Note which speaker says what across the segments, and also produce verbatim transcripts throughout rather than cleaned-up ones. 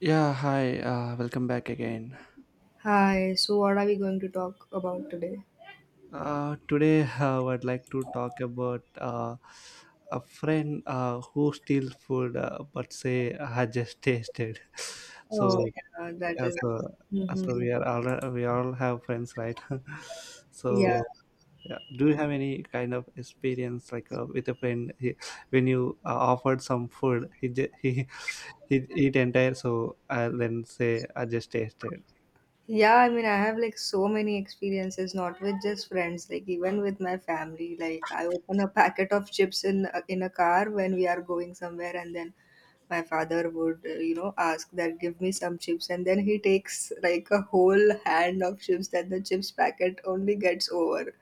Speaker 1: Yeah, hi, uh, welcome back again.
Speaker 2: Hi, so what are we going to talk about today?
Speaker 1: Uh, today, uh, I would like to talk about uh, a friend uh, who steals food uh, but say, I just tasted.
Speaker 2: Oh,
Speaker 1: So,
Speaker 2: yeah, that
Speaker 1: yeah,
Speaker 2: is-
Speaker 1: so, so
Speaker 2: mhm.
Speaker 1: we are all we all have friends, right?
Speaker 2: Yeah.
Speaker 1: So, yeah. Do you have any kind of experience like uh, with a friend he, when you uh, offered some food, he ju- he he eat entire, so I then say, I just tasted.
Speaker 2: Yeah, I mean, I have like so many experiences, not with just friends, like even with my family. Like, I open a packet of chips in a- in a car when we are going somewhere, and then my father would, uh, you know, ask that give me some chips, and then he takes like a whole hand of chips that the chips packet only gets over.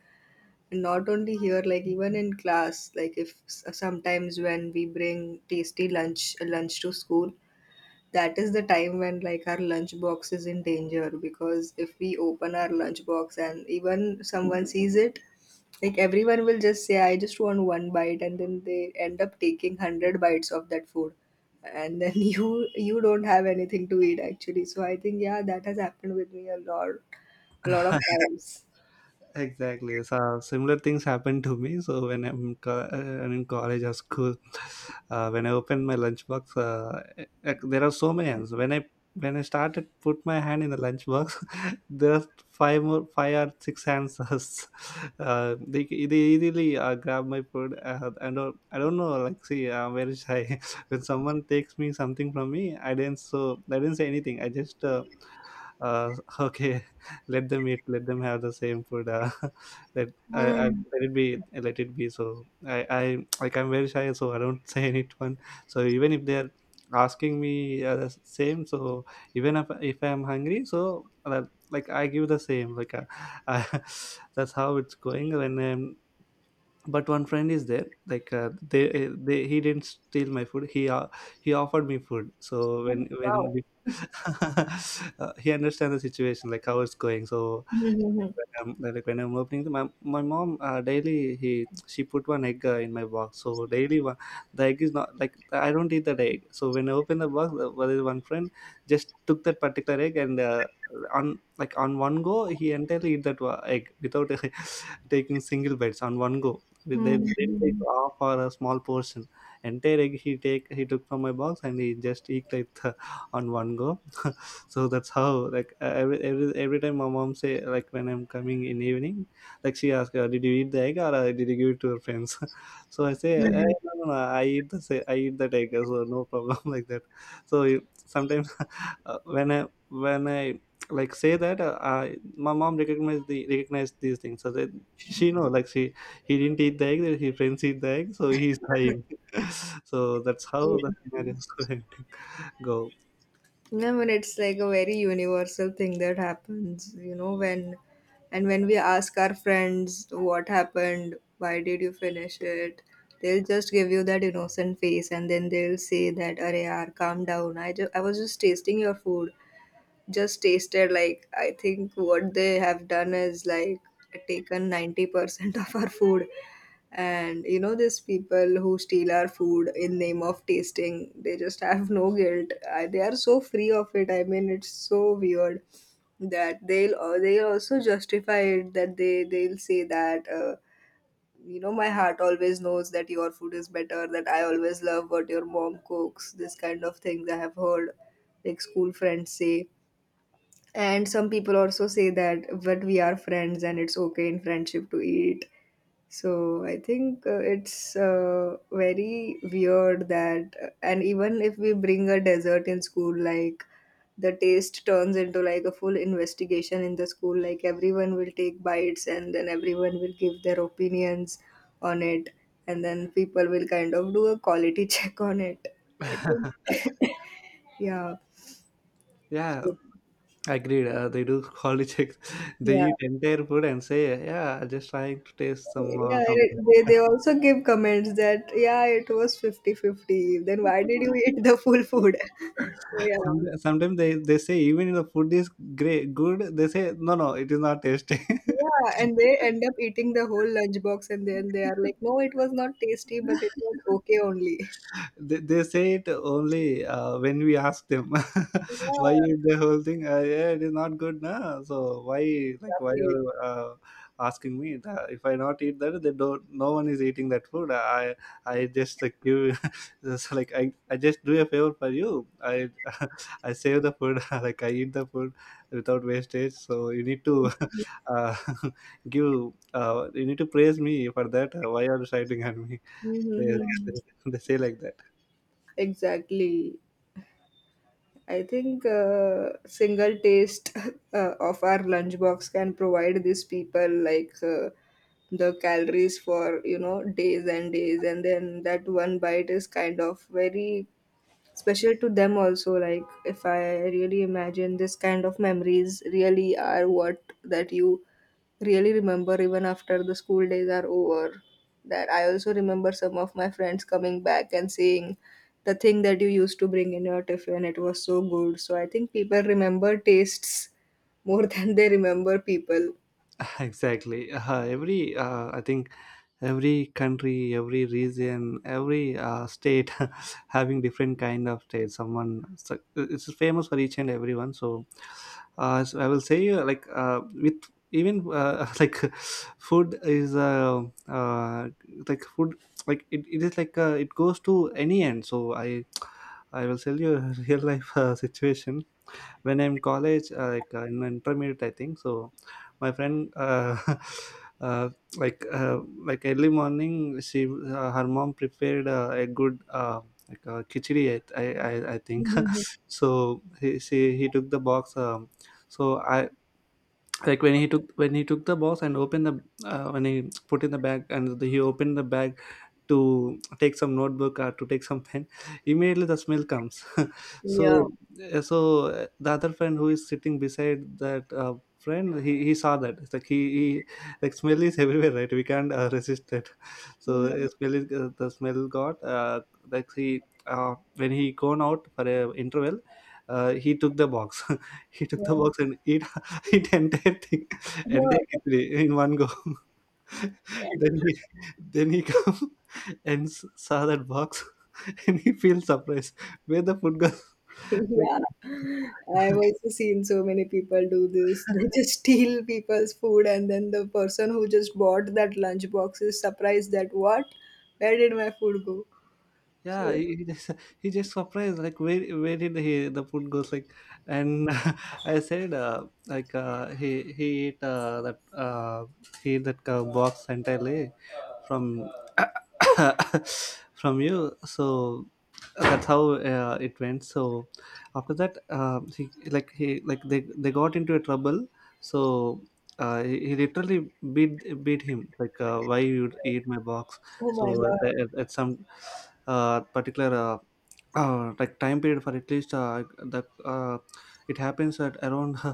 Speaker 2: Not only here, like even in class, like if s- sometimes when we bring tasty lunch lunch to school, that is the time when like our lunch box is in danger, because if we open our lunch box and even someone sees it, like everyone will just say, I just want one bite, and then they end up taking a hundred bites of that food, and then you you don't have anything to eat, actually. So I think, yeah, that has happened with me a lot, a lot of times.
Speaker 1: Exactly. So similar things happened to me. So when I'm, co- uh, I'm in college or school, uh, when I opened my lunchbox, uh, eh, eh, there are so many hands. When I when I started put my hand in the lunchbox, there are five more, five or six hands. Uh, they they easily uh, grab my food. Uh, I don't I don't know. Like see, I'm very shy. When someone takes me something from me, I didn't so I didn't say anything. I just. Uh, uh, okay, let them eat let them have the same food uh, let I, I
Speaker 2: Mm.
Speaker 1: let it be, let it be. So i i like I'm very shy so I don't say anyone, so even if they're asking me uh, the same. So even if, if I'm hungry so uh, like I give the same like uh, I, that's how it's going. When um, but one friend is there like uh, they uh, they he didn't steal my food. He uh, he offered me food. So when when we uh, he understands the situation like how it's going. So like when I'm like when I'm opening them, my, my mom uh, daily he she put one egg uh, in my box. So daily one, the egg is not like I don't eat that egg. So when I open the box, uh, well, there's one friend just took that particular egg and uh, on like on one go he entirely eat that wa- egg without taking single bites on one go. With- They they didn't take
Speaker 2: Mhm.
Speaker 1: half or a small portion. Entire egg he take he took from my box and he just eat like on one go. So that's how like e-, every every every time my mom say like when I'm coming in evening, like she asked, uh, did you eat the egg or uh, did you give it to your friends? So I say, "Eh,
Speaker 2: Mhm.
Speaker 1: no, no, no, i eat the say I eat that egg." So no problem. Like that. So you- sometimes uh, when i when I like say that, uh, I, my mom recognized the recognized these things, so that she know like she, he didn't eat the egg, his friends eat the egg, so he's dying. So that's
Speaker 2: Yeah.
Speaker 1: how the scenarios go.
Speaker 2: I mean, it's like a very universal thing that happens, you know, when and when we ask our friends what happened, why did you finish it, they'll just give you that innocent face and then they'll say that, Arey yaar, calm down. I, ju- I was just tasting your food. Just tasted. Like, I think what they have done is like taken ninety percent of our food. And you know, these people who steal our food in name of tasting, they just have no guilt. I, they are so free of it. I mean, it's so weird that they'll uh, they also justify it, that they they'll say that, uh, you know, my heart always knows that your food is better, that I always love what your mom cooks. This kind of things I have heard like school friends say. And some people also say that, but we are friends and it's okay in friendship to eat. So I think, uh, it's, uh, very weird that, uh, and even if we bring a dessert in school, like the taste turns into like a full investigation in the school. Like everyone will take bites and then everyone will give their opinions on it. And then people will kind of do a quality check on it. I think, yeah.
Speaker 1: Yeah.
Speaker 2: So,
Speaker 1: Agreed. Uh, they do quality check. They
Speaker 2: yeah.
Speaker 1: eat entire food and say, "Yeah, just trying to taste some." Uh,
Speaker 2: Yeah,
Speaker 1: some.
Speaker 2: it, they, they also give comments that, yeah, it was fifty fifty. Then why did you eat the full food? So,
Speaker 1: Some-
Speaker 2: yeah.
Speaker 1: Sometimes they, they say even if the food is great good, they say, no no, it is not tasty.
Speaker 2: Yeah, and they end up eating the whole lunchbox, and then they are like, no, it was not tasty, but it was okay only.
Speaker 1: They, they say it only uh, when we ask them.
Speaker 2: Yeah,
Speaker 1: Why is the whole thing uh, yeah it is not good na, so why, like why are
Speaker 2: exactly.
Speaker 1: you, uh, asking me that? If I not eat that, they don't, no one is eating that food. I i just like give, just like i i just do a favor for you. I I save the food. Like I eat the food without wastage, so you need to uh, give, uh, you need to praise me for that. Why are you shouting at me? they,
Speaker 2: Mm-hmm.
Speaker 1: they, they say like that.
Speaker 2: Exactly. I think a single taste uh, of our lunchbox can provide these people like, uh, the calories for, you know, days and days, and then that one bite is kind of very special to them also. Like, if I really imagine, this kind of memories really are what that you really remember even after the school days are over. That I also remember some of my friends coming back and saying, the thing that you used to bring in your tiffin, it was so good. So I think people remember tastes more than they remember people.
Speaker 1: Exactly. uh, every uh, I think every country, every region, every uh, state having different kind of state someone, so it's famous for each and everyone. So, uh, so I will say uh, like uh, with even uh, like food is uh, uh, like food, like it, it is like uh, it goes to any end. So i I will tell you a real life uh, situation. When I'm college uh, like uh, in intermediate I think. So my friend uh, uh, like uh, like early morning she uh, her mom prepared uh, a good uh, like uh, khichdi i i, I I think.
Speaker 2: Mhm.
Speaker 1: So he she, he took the box. Um, so I like when he took when he took the box and opened the, uh, when he put in the bag and the, he opened the bag to take some notebook or to take some pen, immediately the smell comes.
Speaker 2: Yeah.
Speaker 1: So uh, so uh, the other friend who is sitting beside that uh, friend, he, he saw that. It's like he, he like smell is everywhere, right? We can't uh, resist it. So
Speaker 2: Mm.
Speaker 1: uh, smell is, uh, the smell got uh, like he uh, when he gone out for a interval, uh, he took the box. He took
Speaker 2: Yeah.
Speaker 1: the box and eat. It entire thing, entire khichdi in one go.
Speaker 2: Yeah.
Speaker 1: Then he, then he come and s- saw that box, and he feels surprised. Where the food goes? Like,
Speaker 2: Yeah, I've also seen so many people do this. They just steal people's food, and then the person who just bought that lunch box is surprised that, what? Where did my food go? So,
Speaker 1: yeah, he, he just, he just surprised. Like, where where did he the food goes? Like, and I said, uh, like uh, he he ate uh, that uh, he ate that uh, box entirely, from from you. So that's how uh, it went. So after that uh, he like he like they they got into a trouble. So uh, he, he literally beat beat him like, uh, why you eat my box?
Speaker 2: oh my
Speaker 1: So
Speaker 2: God.
Speaker 1: at, at at some uh, particular uh, uh, like time period, for at least uh, that uh, it happens at around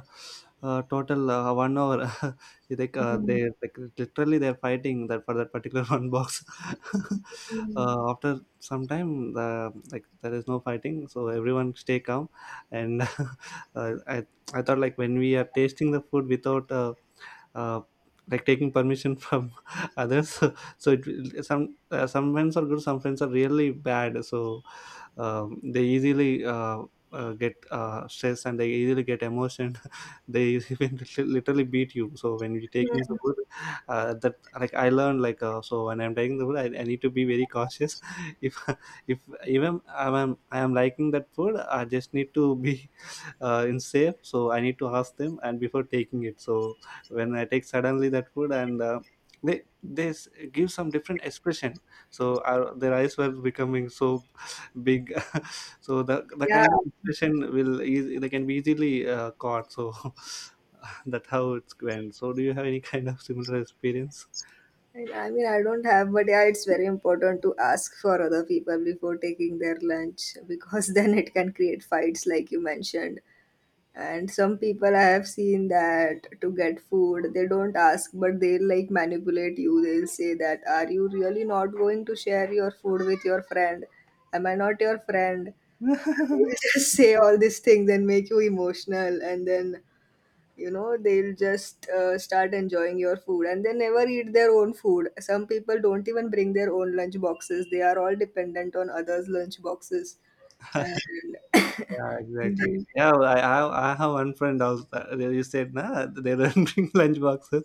Speaker 1: uh, total uh, one hour. Like uh,
Speaker 2: Mm,
Speaker 1: they like literally they're fighting that for that particular one box.
Speaker 2: mm,
Speaker 1: Uh, after some time, the like there is no fighting, so everyone stay calm. And uh, I I thought like when we are tasting the food without uh, uh, like taking permission from others, so so it will- some uh, some friends are good, some friends are really bad. So um, they easily uh, uh, get uh, stressed, and they easily get emotion. They even literally beat you. So when you're taking the
Speaker 2: mm.
Speaker 1: wood, uh, that like I learned like uh, so when I'm taking the wood, I, I need to be very cautious. if if even i'm i'm- I am liking that food, I just need to be uh, in safe. So I need to ask them and before taking it. So when I take suddenly that food and uh, they they s- give some different expression. So our, their eyes were becoming so big. So the the
Speaker 2: Yeah.
Speaker 1: kind of expression will eas- they can be easily uh, caught. So that's how it's went. So do you have any kind of similar experience?
Speaker 2: And I mean, I don't have, but yeah, it's very important to ask for other people before taking their lunch, because then it can create fights, like you mentioned. And some people, I have seen, that to get food they don't ask, but they'll like manipulate you. They'll say that, are you really not going to share your food with your friend? Am I not your friend? They'll just say all these things and make you emotional, and then, you know, they'll just uh, start enjoying your food, and they never eat their own food. Some people don't even bring their own lunch boxes. They are all dependent on others' lunch boxes. And,
Speaker 1: Yeah,
Speaker 2: and
Speaker 1: exactly.
Speaker 2: then,
Speaker 1: Yeah, well, i i, I have one friend also uh, they just said nah, they don't bring lunch boxes.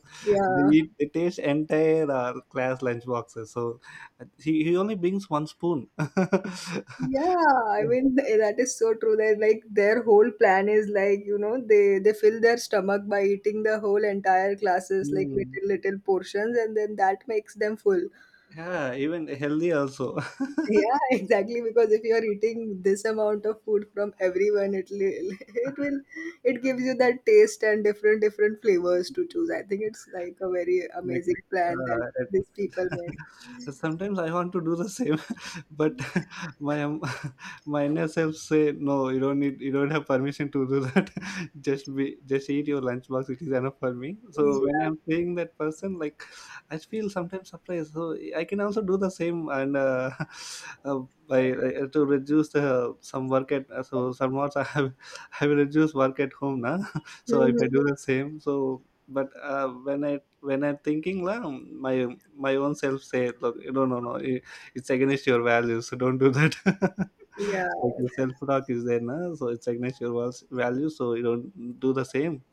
Speaker 1: They
Speaker 2: yeah.
Speaker 1: eat, they taste entire uh, class lunch boxes. So uh, he, he only brings one spoon.
Speaker 2: Yeah, I mean, th- that is so true. They, like, their whole plan is like, you know, they they fill their stomach by eating the whole entire classes, like
Speaker 1: Mm.
Speaker 2: little little portions, and then that makes them full.
Speaker 1: Yeah, even healthy also.
Speaker 2: Yeah, exactly. Because if you are eating this amount of food from everyone, it will it will, it gives you that taste and different different flavors to choose. I think it's like a very
Speaker 1: like
Speaker 2: amazing plan that
Speaker 1: uh, it,
Speaker 2: these people made.
Speaker 1: Sometimes I want to do the same. But my um, my inner self say, no, you don't need, you don't have permission to do that. Just be, just eat your lunchbox, it is enough for me. So
Speaker 2: Yeah.
Speaker 1: when I'm seeing that person, like I feel sometimes surprised, so I can also do the same. And uh, uh, by uh, to reduce uh, some work at uh, so somewhat I have I will reduce work at home now. So if
Speaker 2: Mhm.
Speaker 1: I do the same. So but uh, when i when I'm thinking, la, my my own self say, look, no, no, no, it- it's against your values, so don't do that.
Speaker 2: Yeah.
Speaker 1: Like the self talk is there, na? So it's against your val- values, so you don't do the same.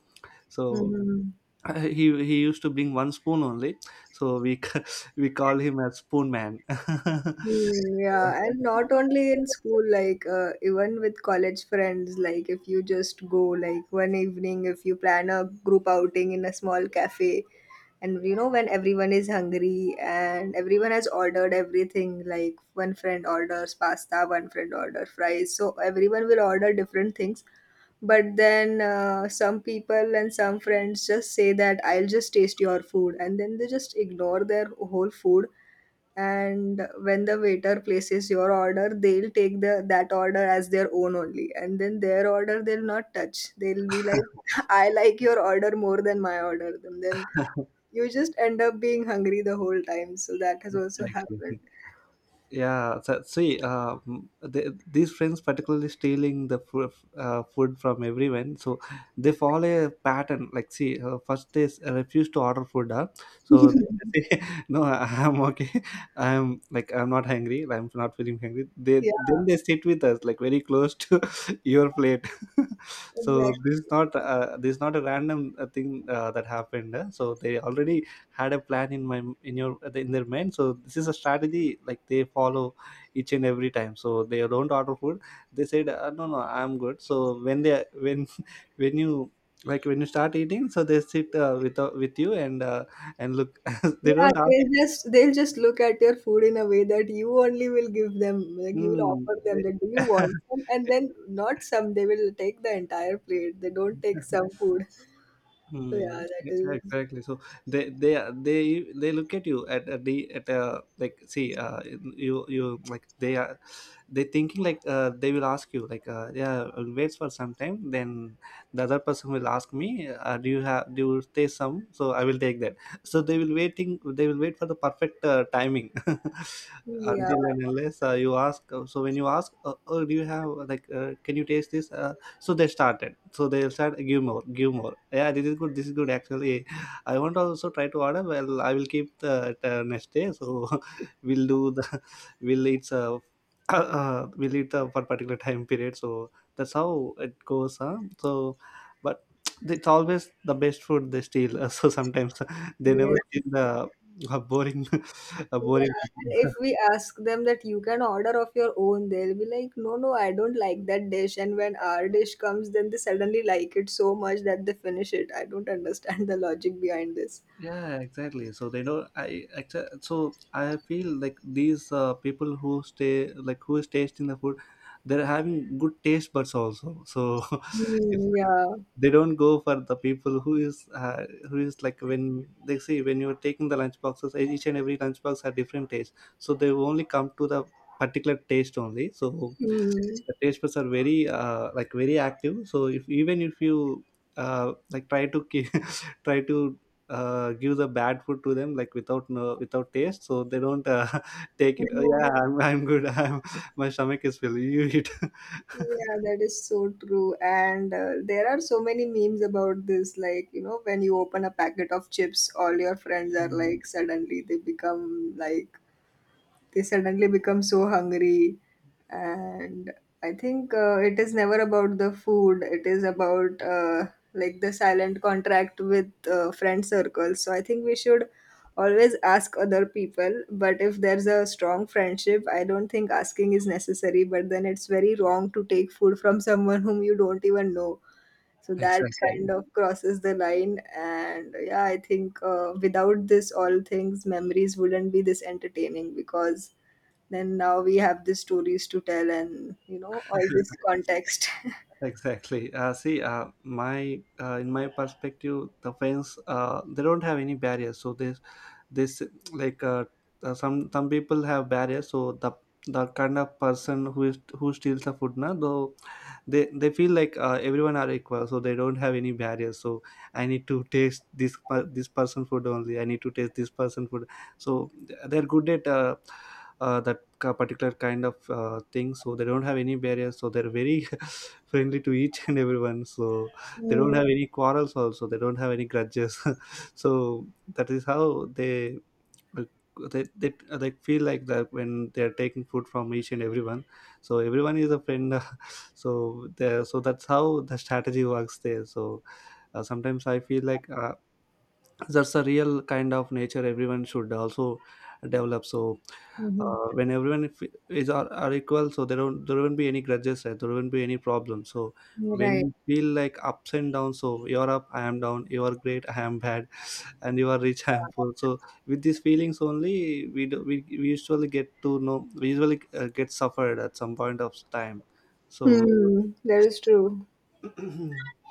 Speaker 1: So
Speaker 2: Mhm.
Speaker 1: uh, he he used to bring one spoon only, so we ca- we call him as spoon man.
Speaker 2: Mm, yeah, and not only in school, like, uh, even with college friends, like if you just go like one evening, if you plan a group outing in a small cafe, and you know, when everyone is hungry and everyone has ordered everything, like one friend orders pasta, one friend orders fries, so everyone will order different things, but then, uh, some people and some friends just say that, I'll just taste your food, and then they just ignore their whole food. And when the waiter places your order, they'll take the that order as their own only, and then their order they'll not touch. They'll be like, I like your order more than my order, and then you just end up being hungry the whole time. So that has also happened.
Speaker 1: Exactly. Yeah, so, see, uh, m- they, these friends particularly stealing the fo- uh, food from everyone. So they follow a pattern like see, uh, first they s- refuse to order food, huh? So they say, no I- I'm okay, i'm like I'm not hungry, I'm not feeling hungry. They
Speaker 2: Yeah,
Speaker 1: Then they sit with us like very close to your plate. So
Speaker 2: exactly.
Speaker 1: this is not uh, this is not a random uh, thing uh, that happened, huh? So they already had a plan in my in your in their mind. So this is a strategy like they follow each and every time, so they don't order food. They said, uh, no, no, I'm good. So when they when when you like when you start eating, so they sit uh, with uh, with you and uh, and look, they
Speaker 2: Yeah,
Speaker 1: don't ask.
Speaker 2: they'll just they'll just look at your food in a way that you only will give them, like you will
Speaker 1: Mm,
Speaker 2: offer them that, do you want some? And
Speaker 1: they-
Speaker 2: then not some, they will take the entire plate. They don't take some food. So yeah,
Speaker 1: Hmm.
Speaker 2: that
Speaker 1: Yeah,
Speaker 2: is,
Speaker 1: exactly. So they they are- they they look at you at at the at uh, like see uh you you like they are, they thinking like uh they will ask you like, uh yeah, I'll wait for some time, then the other person will ask me, uh, do you have, do you stay some, so I will take that. So they will waiting, they will wait for the perfect uh, timing.
Speaker 2: yeah,
Speaker 1: Until and unless uh, you ask, uh, so when you ask, uh, oh, do you have, uh, like, uh, can you taste this, uh, so they started so they start give more, give more, yeah, this is good, this is good. Actually, I want to also try to order. Well, I will keep the, the next day. So we'll do the we'll eat uh, uh, we'll eat uh, for particular time period. So that's how it goes, huh? So but it's always the best food they steal. So sometimes they
Speaker 2: yes.
Speaker 1: never steal the a boring, a boring.
Speaker 2: Yeah. And if we ask them that you can order of your own, they'll be like, No, no, I don't like that dish. And when our dish comes, then they suddenly like it so much that they finish it. I don't understand the logic behind this.
Speaker 1: Yeah, exactly. So they know I actually, so I feel like these uh, people who stay, like who is tasting the food, they're having good taste buds also. So if
Speaker 2: Hmm, yeah.
Speaker 1: they don't go for the people who is uh, who is like, when they see when you're taking the lunch boxes, e-, each and every lunch box have different taste. So they only come to the particular taste only. So
Speaker 2: Hmm.
Speaker 1: the taste buds are very uh, like very active. So if, even if you uh, like try to ki- try to uh, give the bad food to them, like without, no, without taste, so they don't uh, take
Speaker 2: Hmm.
Speaker 1: it. Oh, yeah, I'm, I'm good. I'm, my stomach is full, you eat.
Speaker 2: Yeah, that is so true. And, uh, there are so many memes about this. Like, you know, when you open a packet of chips, all your friends are
Speaker 1: Mm.
Speaker 2: like, suddenly they become like, they suddenly become so hungry. And I think, uh, it is never about the food, it is about, uh, like the silent contract with, uh, friend circles. So I think we should always ask other people, but if there's a strong friendship, I don't think asking is necessary. But then it's very wrong to take food from someone whom you don't even know. So that kind
Speaker 1: Exactly.
Speaker 2: of crosses the line. And yeah, I think, uh, without this all things, memories wouldn't be this entertaining, because then now we have the stories to tell, and you know, all this context.
Speaker 1: Exactly. uh, see uh, My, uh, in my perspective, the fans, uh, they don't have any barriers, so they, this, like uh, uh, some some people have barriers. So the the kind of person who is who steals the food now, though, they they feel like uh, everyone are equal, so they don't have any barriers. So I need to taste this per- this person food only, I need to taste this person food. So they're good at uh, uh, that ca- particular kind of uh, thing. So they don't have any barriers, so they're very friendly to each and everyone. So they don't have any quarrels also, they don't have any grudges. So that is how they they, they, they feel like that. When they are taking food from each and everyone, so everyone is a friend. So they, so that's how the strategy works there. So uh, sometimes I feel like uh, that's a real kind of nature everyone should also develop. So
Speaker 2: Mm-hmm.
Speaker 1: uh, when everyone, if- is are, are equal, so there don't there won't be any grudges, right, there won't be any problem. So when
Speaker 2: Right.
Speaker 1: you feel like ups and downs, so you're up, I am down, you're great, I am bad, and you are rich, I am poor. So with these feelings only, we do, we, we usually get to know, we usually uh, get suffered at some point of time. So
Speaker 2: Hmm, that is true.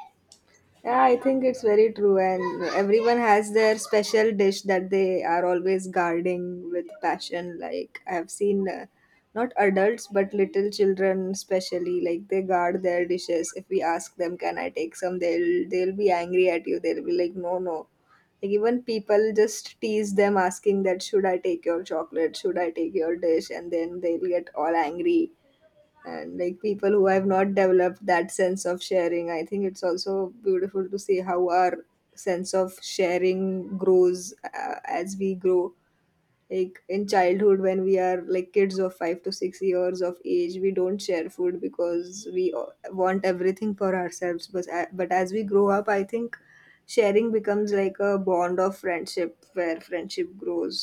Speaker 2: Yeah, I think it's very true, and everyone has their special dish that they are always guarding with passion. Like, I've seen, uh, not adults but little children, especially, like they guard their dishes. If we ask them, "Can I take some?" they'll they'll be angry at you. They'll be like, "No, no." Like, even people just tease them, asking that, "Should I take your chocolate? Should I take your dish?" And then they'll get all angry. And like people who have not developed that sense of sharing, I think it's also beautiful to see how our sense of sharing grows, uh, as we grow. Like in childhood, when we are like kids of five to six years of age, we don't share food because we o- want everything for ourselves, but a- but as we grow up, I think sharing becomes like a bond of friendship where friendship grows.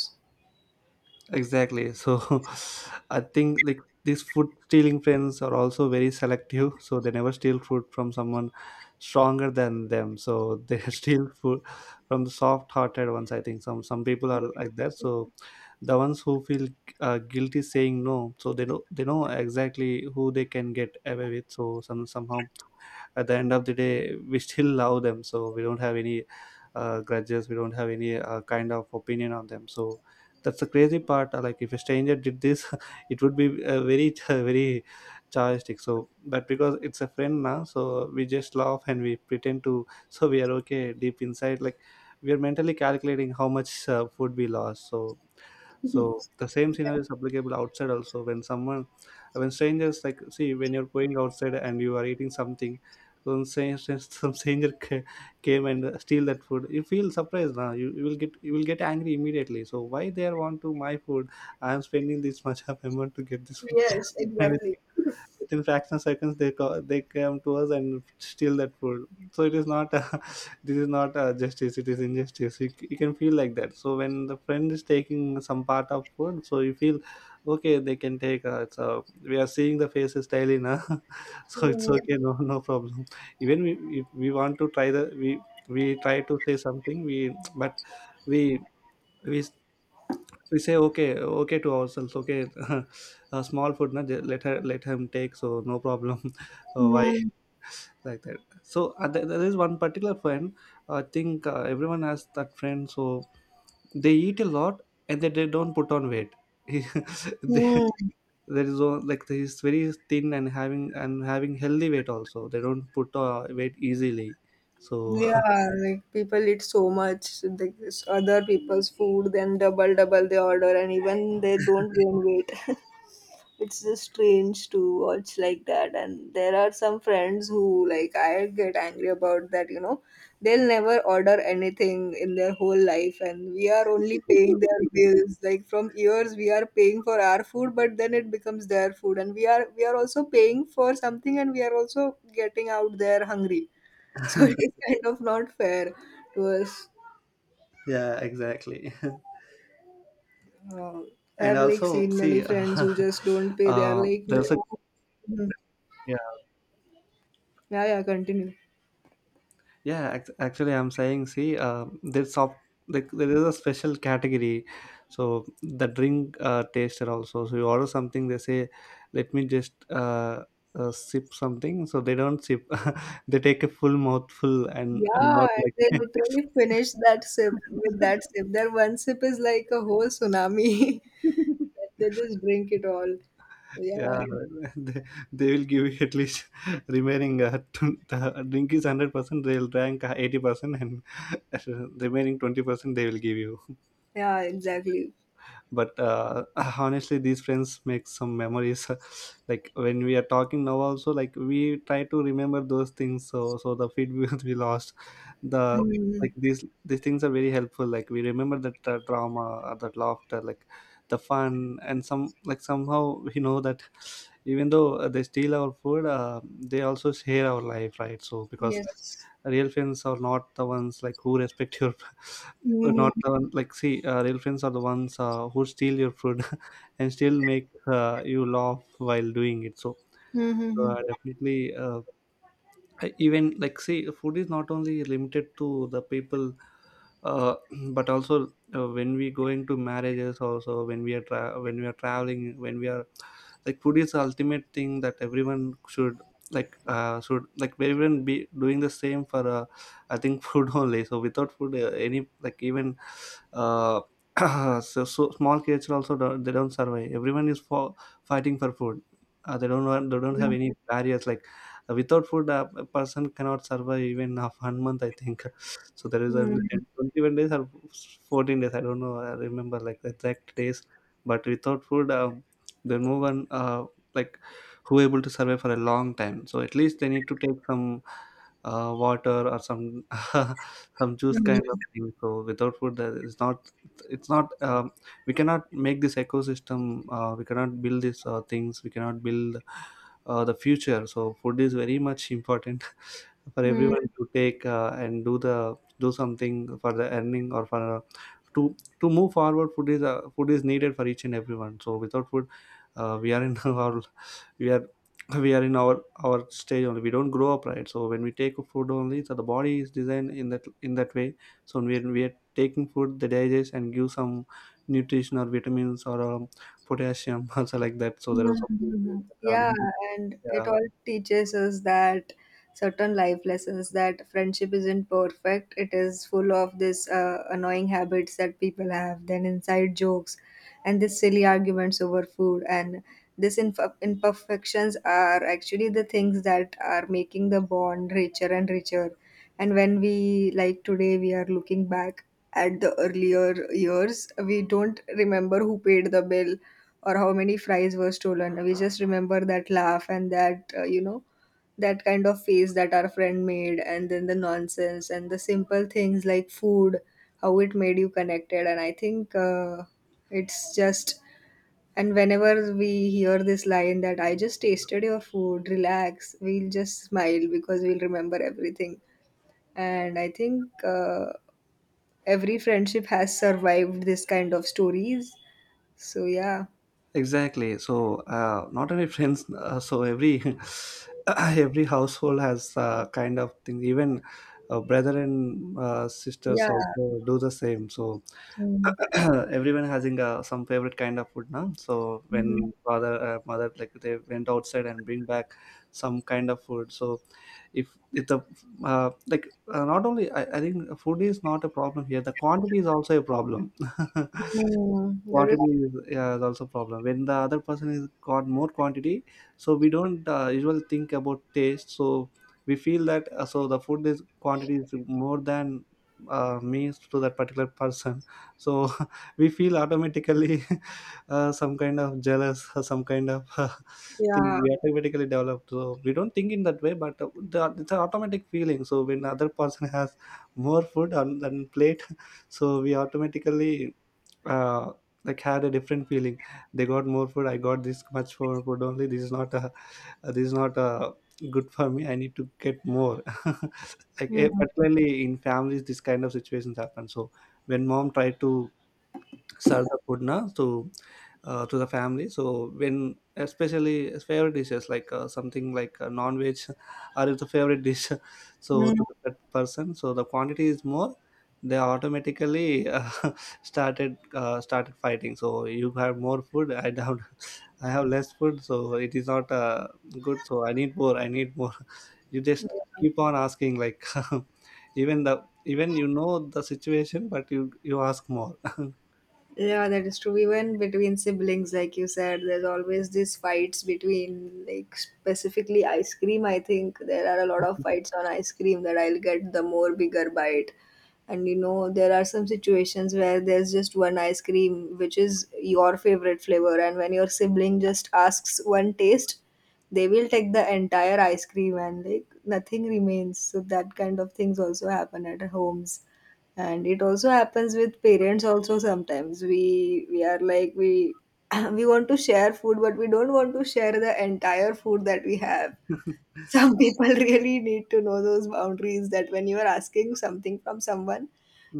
Speaker 1: exactly. So I think like these food stealing friends are also very selective. So they never steal food from someone stronger than them. So they steal food from the soft hearted ones. I think some some people are like that. So the ones who feel uh, guilty saying no, so they know they know exactly who they can get away with. So some somehow, at the end of the day, we still love them, so we don't have any uh, grudges, we don't have any uh, kind of opinion on them. So that's the crazy part. Uh, like, if a stranger did this, it would be uh, very very chargeistic. So but because it's a friend now, so we just laugh and we pretend to, so we are okay deep inside, like we are mentally calculating how much uh, food we lost. So so the same scenario is applicable outside also. When someone, when strangers, like see, when you're going outside and you are eating something, some stranger, some stranger ca- came and steal that food, you feel surprised now. You, you will get you will get angry immediately. So why they are want to my food? I am spending this much of amount to get this food.
Speaker 2: Yes,
Speaker 1: And
Speaker 2: exactly.
Speaker 1: within fraction of seconds, they co- they came to us and steal that food. So it is not uh, this is not uh, justice, it is injustice, you, c- you can feel like that. So when the friend is taking some part of food, so you feel okay, they can take, uh, it's uh, we are seeing the faces daily now. So it's
Speaker 2: Hmm.
Speaker 1: okay, no, no problem. Even we, if we want to try the, we we try to say something, we but we we we say okay, okay to ourselves, okay. A small food na, ju- let her, let him take, so no problem. Uh, why
Speaker 2: Mm,
Speaker 1: like that. So uh, there there is one particular friend, I think, uh, everyone has that friend. So they eat a lot, and they, they don't put on weight. He- they,
Speaker 2: mm.
Speaker 1: there is one- like he's very thin and having and having healthy weight also. They don't put uh, weight easily. So
Speaker 2: Yeah, like people eat so much. Like this other people's food, then double double they order, and even they don't gain weight. It's just strange to watch like that. And there are some friends who, like, I get angry about that, you know. They'll never order anything in their whole life, and we are only paying their bills. Like, from years we are paying for our food, but then it becomes their food, and we are we are also paying for something, and we are also getting out there hungry. So it is kind of not fair to us.
Speaker 1: yeah, exactly.
Speaker 2: Uh, I
Speaker 1: And
Speaker 2: have like
Speaker 1: also
Speaker 2: seen many
Speaker 1: see,
Speaker 2: friends who just don't pay. They are
Speaker 1: uh,
Speaker 2: like, no.
Speaker 1: there's a
Speaker 2: Mhm.
Speaker 1: yeah,
Speaker 2: Yeah, yeah, continue.
Speaker 1: yeah, ac- actually I'm saying, see, uh, there's soft, like there is a special category. So the drink uh, taster also. So you order something, they say, let me just uh, uh, sip something. So they don't sip, they take a full mouthful and, and
Speaker 2: Yeah,
Speaker 1: not like.
Speaker 2: they literally finish that sip with that sip. Their one sip is like a whole tsunami. They just drink it all. Yeah,
Speaker 1: Yeah, they, they will give you at least remaining uh, tw- the drink is hundred percent. They'll drink eighty percent, and remaining twenty percent they will give you.
Speaker 2: yeah, exactly.
Speaker 1: But uh, honestly, these friends make some memories. Like when we are talking now also, like we try to remember those things. So so the feedback, we lost the
Speaker 2: Mm,
Speaker 1: like these these things are very helpful. Like we remember that uh, drama, uh, that laughter, like the fun and some, like somehow we know that, even though uh, they steal our food, uh, they also share our life, right? So because
Speaker 2: yes.
Speaker 1: real friends are not the ones, like who respect your, not
Speaker 2: Mm-hmm.
Speaker 1: the one, like see, uh, real friends are the ones uh, who steal your food and still make uh, you laugh while doing it. So
Speaker 2: Mm-hmm.
Speaker 1: uh, definitely uh, I- Even like, say food is not only limited to the people, uh, but also uh, when we going to marriages also, when we are tra- when we are traveling, when we are, like food is the ultimate thing that everyone should, like uh, should like everyone be doing the same for, uh, I think, food only. So without food, uh, any, like, even uh, so, so small kids also don't, they don't survive. Everyone is for fighting for food. Uh, they don't want, they don't have any barriers. Like, without food, a a person cannot survive even of one month, I think. So there is only
Speaker 2: Mm-hmm.
Speaker 1: ten, twenty-one days or fourteen days. I don't know. I remember like the exact days. But without food, um, there no one, uh, like who able to survive for a long time. So at least they need to take some uh, water or some some juice kind of thing. So without food, there is not, it's not. Um, we cannot make this ecosystem. Uh, we cannot build these uh, things. We cannot build uh, the future. So food is very much important for
Speaker 2: Hmm.
Speaker 1: everyone to take, uh, and do the do something for the earning or for, uh, to to move forward. Food is, uh, food is needed for each and everyone. So without food, uh, we are in our, we are, we are in our our stage only, we don't grow up, right? So when we take food only, so the body is designed in that in that way. So when we are taking food, they digest and give some nutrition or vitamins, or um, potassium, also like that. So there are some vitamins.
Speaker 2: Mhm. Yeah, and it all teaches us that certain life lessons, that friendship isn't perfect. It is full of this uh, annoying habits that people have, then inside jokes, and this silly arguments over food, and this inf- imperfections are actually the things that are making the bond richer and richer. And when we, like, today we are looking back at the earlier years, we don't remember who paid the bill or how many fries were stolen. We just remember that laugh and that uh, you know that kind of face that our friend made, and then the nonsense and the simple things like food, how it made you connected. And I think uh, it's just, and whenever we hear this line that "I just tasted your food, relax," we'll just smile because we'll remember everything. And I think uh, every friendship has survived this kind of stories, so yeah.
Speaker 1: Exactly. So uh, not only friends. Uh, so every every household has uh, kind of thing. Even uh, brother and uh, sisters
Speaker 2: Yeah.
Speaker 1: also do the same. So
Speaker 2: Mm.
Speaker 1: everyone having uh, some favorite kind of food now. So
Speaker 2: Mm.
Speaker 1: when father uh, mother like they went outside and bring back some kind of food. So if if the uh, like uh, not only I, I think food is not a problem here. The quantity is also a problem.
Speaker 2: Mm. There is.
Speaker 1: Quantity is, yeah, is also problem when the other person is got more quantity, so we don't uh, usually think about taste. So we feel that uh, so the food is quantity is more than uh, means to that particular person. So we feel automatically uh, some kind of jealous or some kind of thing
Speaker 2: Yeah.
Speaker 1: we automatically develop, so we don't think in that way. But uh, the, it's an automatic feeling. So when other person has more food on than plate so we automatically uh, like had a different feeling. They got more food, I got this much for food only, this is not a uh, this is not a good for me, I need to get more. Like eh,
Speaker 2: Mm.
Speaker 1: particularly in families this kind of situations happen. So when mom tried to serve the food na to uh, to the family. So when especially as favorite dishes like uh, something like uh, non-veg or is the favorite dish, so to that person, so the quantity is more. They automatically uh, started uh, started fighting. So you have more food, I don't. I have less food, so it is not uh, good. So I need more. I need more. You just
Speaker 2: Mm.
Speaker 1: keep on asking, like, even the even you know the situation, but you you ask more.
Speaker 2: Yeah, that is true. Even between siblings, like you said, there's always these fights between, like, specifically ice cream. I think there are a lot of fights on ice cream that I'll get the more bigger bite. And you know, there are some situations where there's just one ice cream, which is your favorite flavor. And when your sibling just asks one taste, they will take the entire ice cream and, like, nothing remains. So, that kind of things also happen at our homes. And it also happens with parents also sometimes. We we are like we we want to share food, but we don't want to share the entire food that we have. Some people really need to know those boundaries that when you are asking something from someone,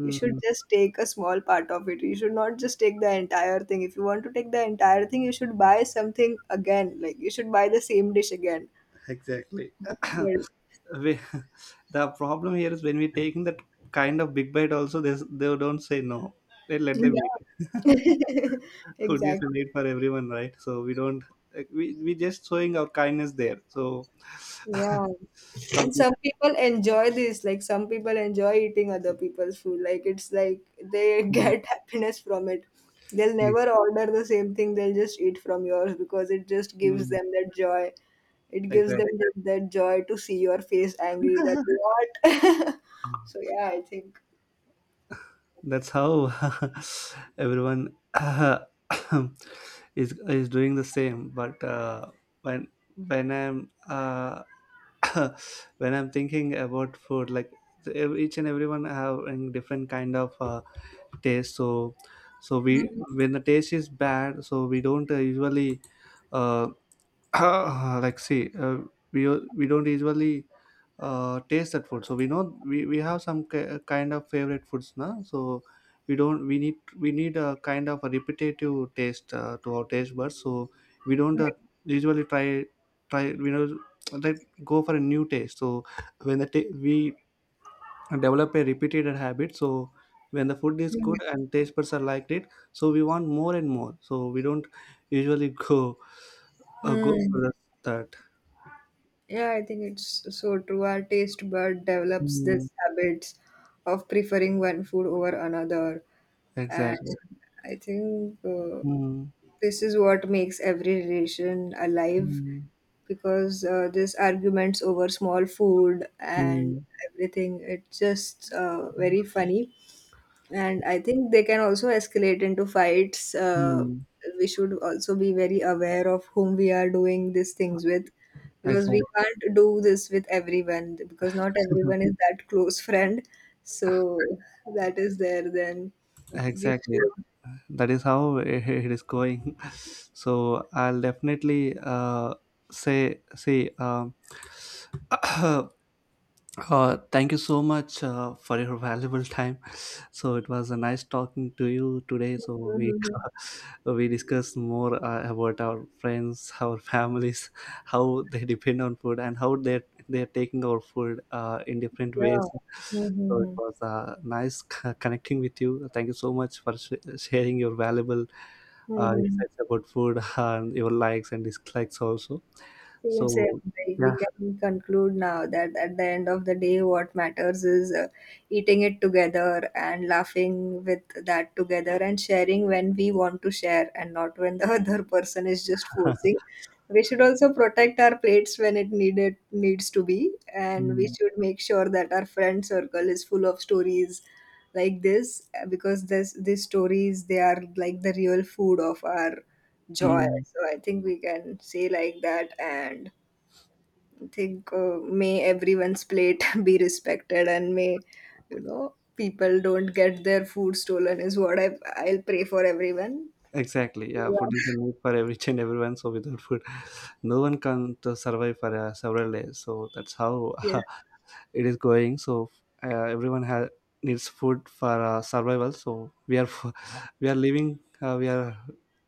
Speaker 2: you should just take a small part of it. You should not just take the entire thing. If you want to take the entire thing, you should buy something again. Like, you should buy the same dish again.
Speaker 1: exactly.
Speaker 2: Well,
Speaker 1: We, the problem here is when we taking that kind of big bite, also they they don't say no. They let them eat.
Speaker 2: yeah.
Speaker 1: Food is a
Speaker 2: Exactly.
Speaker 1: need for everyone, right? So we don't. Like, We we just showing our kindness there. So
Speaker 2: Yeah. And
Speaker 1: something.
Speaker 2: some people enjoy this, like, some people enjoy eating other people's food. Like, it's like they
Speaker 1: Mm,
Speaker 2: get happiness from it. They'll
Speaker 1: yes.
Speaker 2: never order the same thing, they'll just eat from yours because it just gives
Speaker 1: Mm,
Speaker 2: them that joy. It gives
Speaker 1: exactly.
Speaker 2: them that, that joy to see your face angry that what? so yeah, I think.
Speaker 1: That's how everyone is is doing the same. But uh, when when I'm uh, when I'm thinking about food, like, ev- each and everyone having different kind of uh, taste. So so
Speaker 2: Hmm.
Speaker 1: we when the taste is bad, so we don't uh, usually uh, like see, uh, we we don't usually uh, taste that food. So we know we, we have some ki- kind of favorite foods now. So we don't, we need, we need a kind of a repetitive taste uh, to our taste buds. So we don't uh, usually try try we know like go for a new taste. So when the ta- we develop a repeated habit, so when the food is good and taste buds are liked it, so we want more and more. So we don't usually go uh, go
Speaker 2: Hmm.
Speaker 1: for the- that.
Speaker 2: Yeah, I think it's so true. Our taste bud develops
Speaker 1: Mm,
Speaker 2: this habits of preferring one food over another. And
Speaker 1: exactly.
Speaker 2: I think uh,
Speaker 1: Mm,
Speaker 2: this is what makes every relation alive
Speaker 1: mm,
Speaker 2: because uh, this arguments over small food and
Speaker 1: mm.
Speaker 2: everything, it's just uh, very funny. And I think they can also escalate into fights. Uh,
Speaker 1: Hmm.
Speaker 2: we should also be very aware of whom we are doing these things with because
Speaker 1: Exactly.
Speaker 2: we can't do this with everyone, because not
Speaker 1: Mhm.
Speaker 2: everyone is that close friend. So that is there, then we
Speaker 1: Exactly.
Speaker 2: should.
Speaker 1: That is how it, it is going. So I'll definitely uh, say see um, Uh, thank you so much uh, for your valuable time. So it was a nice talking to you today. So we
Speaker 2: Mhm.
Speaker 1: we discussed more uh, about our friends, our families, how they depend on food, and how they they are taking our food uh, in different ways.
Speaker 2: Yeah.
Speaker 1: So it
Speaker 2: Mhm.
Speaker 1: was uh, nice c- connecting with you. Thank you so much for sh- sharing your valuable uh,
Speaker 2: Mhm.
Speaker 1: insights about food and your likes and dislikes also.
Speaker 2: Seems uh,
Speaker 1: So
Speaker 2: like
Speaker 1: yeah.
Speaker 2: we can conclude now that at the end of the day, what matters is uh, eating it together and laughing with that together and sharing when we want to share and not when the other person is just forcing. We should also protect our plates when it needed needs to be, and we should make sure that our friend circle is full of stories like this uh, because this these stories, they are like the real food of our joy.
Speaker 1: Mm.
Speaker 2: So I think we can say like that. And I think uh, may everyone's plate be respected, and may, you know, people don't get their food stolen is what I I'll pray for everyone.
Speaker 1: Exactly. Yeah,
Speaker 2: Yeah.
Speaker 1: food is a need for every and everyone. So without food, no one can to survive for uh, several days. So that's how
Speaker 2: Yes.
Speaker 1: it is going. So uh, everyone has needs food for uh, survival. So we are we are living. Uh, we are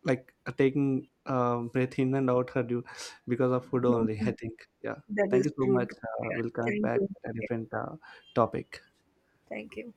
Speaker 1: like uh, taking um, breath in and out uh, due- because of food only. I
Speaker 2: Mhm.
Speaker 1: think. Yeah.
Speaker 2: That
Speaker 1: Thank
Speaker 2: is
Speaker 1: you so
Speaker 2: true.
Speaker 1: much. Uh,
Speaker 2: Yeah.
Speaker 1: we'll connect
Speaker 2: Thank
Speaker 1: back
Speaker 2: you.
Speaker 1: at a
Speaker 2: Yeah.
Speaker 1: different uh, topic.
Speaker 2: Thank you.